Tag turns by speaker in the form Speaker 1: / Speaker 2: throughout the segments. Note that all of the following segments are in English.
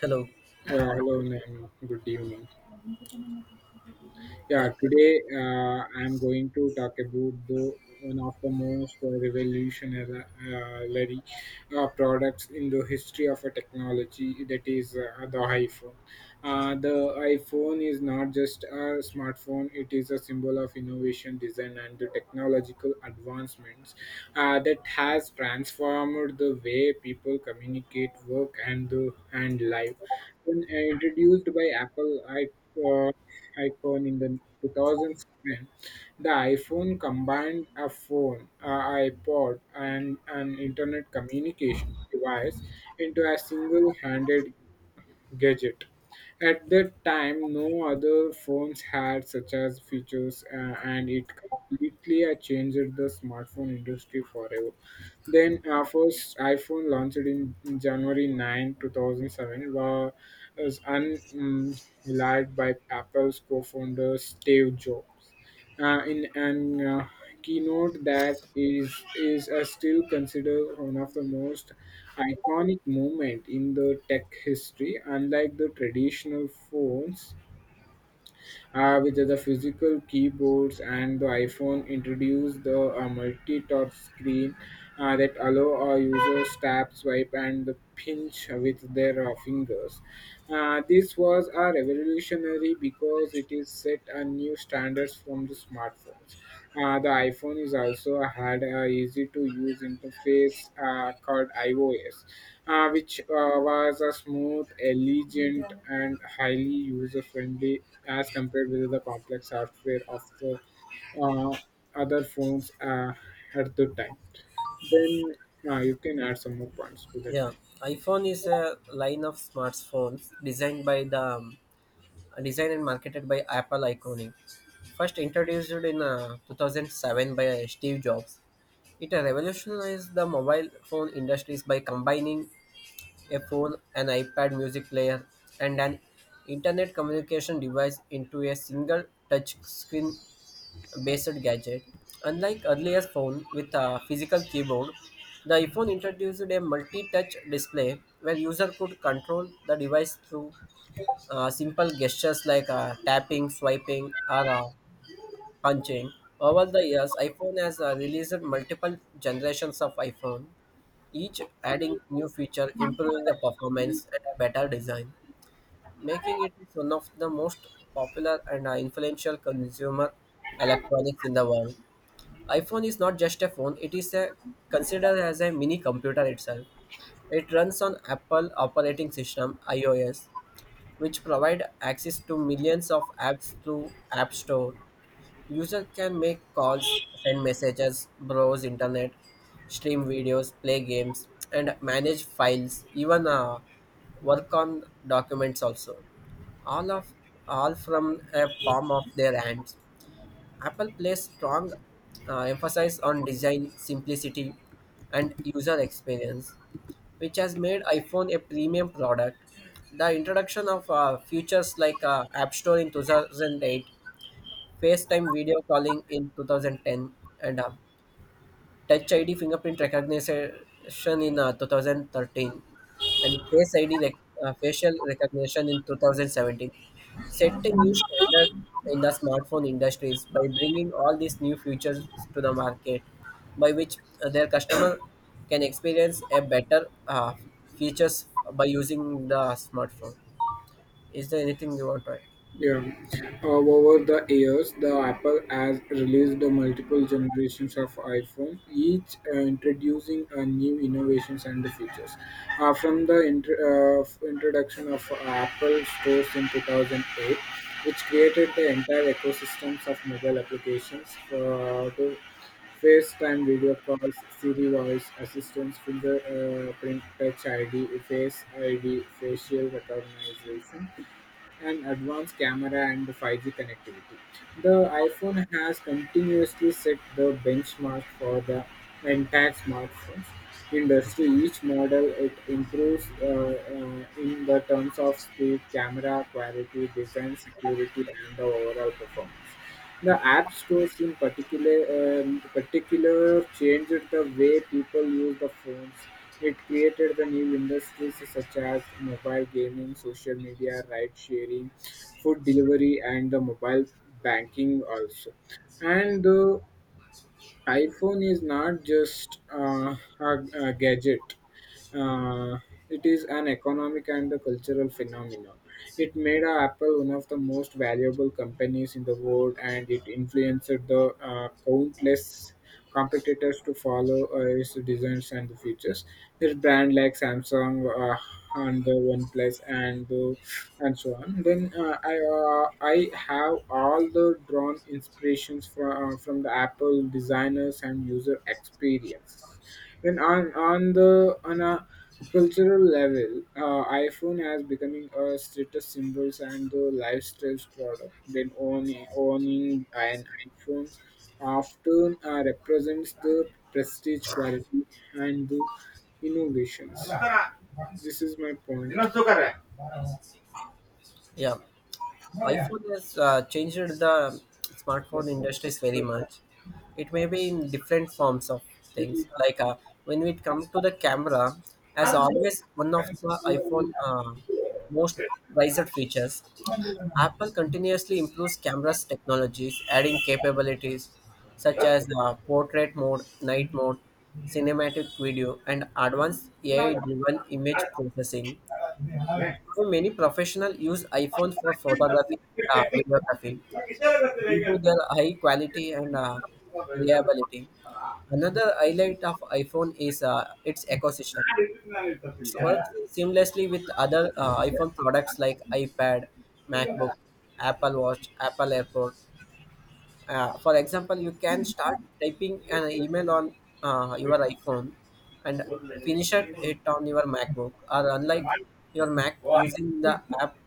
Speaker 1: Hello.
Speaker 2: Hello, Naomi. Good evening.
Speaker 1: Yeah.
Speaker 2: Yeah, today I'm going to talk about the one of the most revolutionary products in the history of a technology, that is, the iPhone. The iPhone is not just a smartphone; it is a symbol of innovation, design, and the technological advancements that has transformed the way people communicate, work, and the and life. When introduced by Apple, I icon in the 2000s. When The iPhone combined a phone, a iPod, and an internet communication device into a single-handed gadget. At that time, no other phones had such as features, and it completely changed the smartphone industry forever. Then, first iPhone launched in January 9, 2007, was unrelied by Apple's co-founder Steve Jobs in an keynote that is still considered one of the most iconic moment in the tech history. Unlike the traditional phones with the physical keyboards, and the iPhone introduced the multi-touch screen that allow our users tap, swipe and pinch with their fingers. This was a revolutionary because it is set a new standards from the smartphones. The iPhone is also had a easy to use interface called iOS, which was a smooth, elegant and highly user friendly as compared with the complex software of the uh, other phones at the time. Then, you can add some more points to that.
Speaker 1: Yeah. iPhone is a line of smartphones designed and marketed by Apple Iconic. First introduced in 2007 by Steve Jobs. It revolutionized the mobile phone industries by combining a phone, an iPad music player, and an internet communication device into a single touch screen based gadget. Unlike earlier phone with a physical keyboard, the iPhone introduced a multi-touch display where user could control the device through simple gestures like tapping, swiping, or punching. Over the years, iPhone has released multiple generations of iPhone, each adding new feature, improving the performance and a better design, making it one of the most popular and influential consumer electronics in the world. iPhone is not just a phone, it is a, considered as a mini computer itself. It runs on Apple operating system iOS, which provide access to millions of apps through App Store. User can make calls, send messages, browse internet, stream videos, play games, and manage files, even work on documents also, all of all from a palm of their hands. Apple places strong emphasis on design, simplicity, and user experience, which has made iPhone a premium product. The introduction of features like App Store in 2008, FaceTime video calling in 2010, and Touch ID fingerprint recognition in 2013, and Face ID facial recognition in 2017 set a new standard in the smartphone industries by bringing all these new features to the market, by which their customer can experience a better features by using the smartphone. Is there anything you want to add?
Speaker 2: Yeah. Over the years, the Apple has released the multiple generations of iPhone, each introducing a new innovations and the features. From the introduction of Apple Stores in 2008, which created the entire ecosystems of mobile applications, for to FaceTime video calls, Siri voice assistance, finger, print touch ID, Face ID, facial recognition, an advanced camera and 5G connectivity. The iPhone has continuously set the benchmark for the entire smartphones industry. Each model it improves in the terms of speed, camera quality, design, security, and the overall performance. The app stores, in particular, changed the way people use the phones. It created the new industries such as mobile gaming, social media, ride sharing, food delivery, and the mobile banking also. And the iPhone is not just a gadget; uh, it is an economic and a cultural phenomenon. It made Apple one of the most valuable companies in the world, and it influenced the countless competitors to follow its designs and the features. There's brand like Samsung, and the OnePlus, and so on. Then I have all the drawn inspirations from from the Apple designers and user experiences. And on the on a cultural level, iPhone has becoming a status symbols and the lifestyle product. Then owning an iPhone often represents the prestige, quality, and the innovations. This is my point.
Speaker 1: Yeah. iPhone has changed the smartphone industries very much. It may be in different forms of things. When it comes to the camera, as always, one of the iPhone most prized features. Apple continuously improves cameras technologies, adding capabilities such as portrait mode, night mode, cinematic video, and advanced AI-driven image processing. So many professionals use iPhones for photography, videography due to their high quality and reliability. Another highlight of iPhone is its ecosystem. It works seamlessly with other iPhone products like iPad, MacBook, Apple Watch, Apple AirPod. For example, you can start typing an email on your iPhone and finish it on your MacBook, or unlike your Mac using the app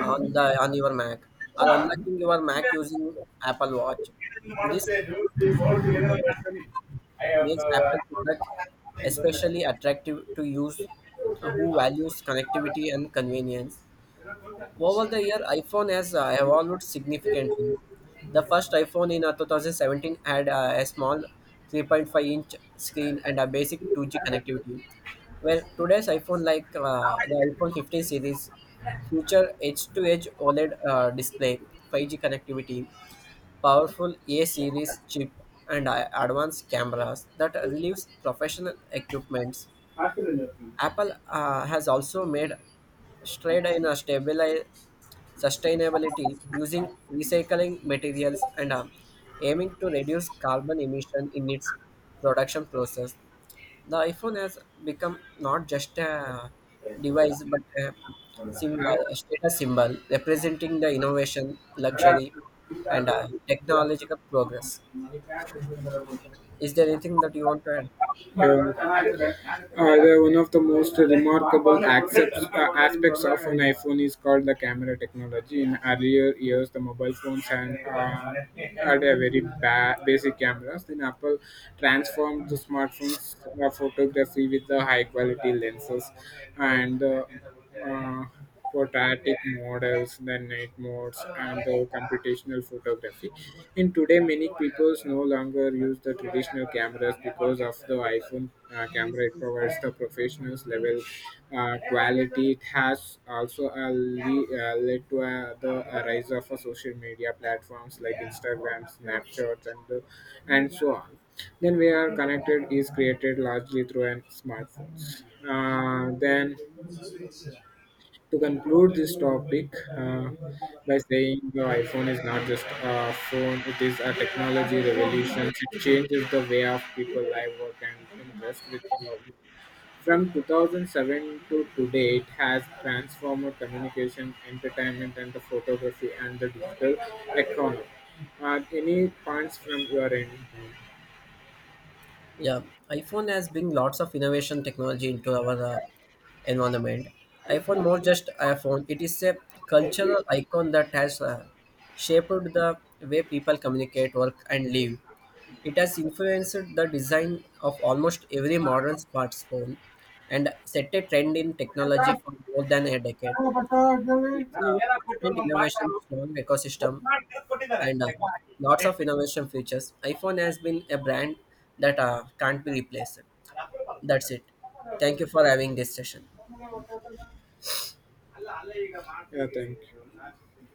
Speaker 1: on the on your Mac, or unlocking your Mac using Apple Watch. This smooth integration makes Apple product especially attractive to use who values connectivity and convenience. Over the year, iPhone has evolved significantly. The first iPhone in 2017 had a small 3.5-inch screen and a basic 2G connectivity. Well, today's iPhone, like the iPhone 15 series, feature edge-to-edge OLED display, 5G connectivity, powerful A series chip, and advanced cameras that relieves professional equipments. Apple has also made stride in a stabili- sustainability using recycling materials and aiming to reduce carbon emission in its production process. The iPhone has become not just a device but a status symbol representing the innovation,
Speaker 2: Uh,
Speaker 1: luxury, and technological progress. Is there anything that you want to add?
Speaker 2: However, one of the most remarkable aspects of an iPhone is called the camera technology. In earlier years, the mobile phones had a very basic cameras. Then Apple transformed the smartphones photography with the high quality lenses and uh, for static models, then night modes, and the computational photography. In today, many people no longer use the traditional cameras because of the iPhone camera. It provides the professional level quality. It has also led to the rise of social media platforms like Instagram, Snapchat, and so on. Then we are connected is created largely through an smartphones. Then, to conclude this topic uh, by saying, the iPhone is not just a phone, it is a technology revolution. It changes the way of people live, work and invest with technology. From 2007 to today, it has transformed communication, entertainment, and the photography, and the digital economy. Any points from your end?
Speaker 1: Yeah, iPhone has bring lots of innovation technology into our environment. iPhone more just iPhone. It is a cultural icon that has shaped the way people communicate, work, and live. It has influenced the design of almost every modern smartphone and set a trend in technology for more than a decade. With its constant innovation, strong ecosystem, and lots of innovation features. iPhone has been a brand that can't be replaced. That's it. Thank you for having this session.
Speaker 2: Yeah, thank you.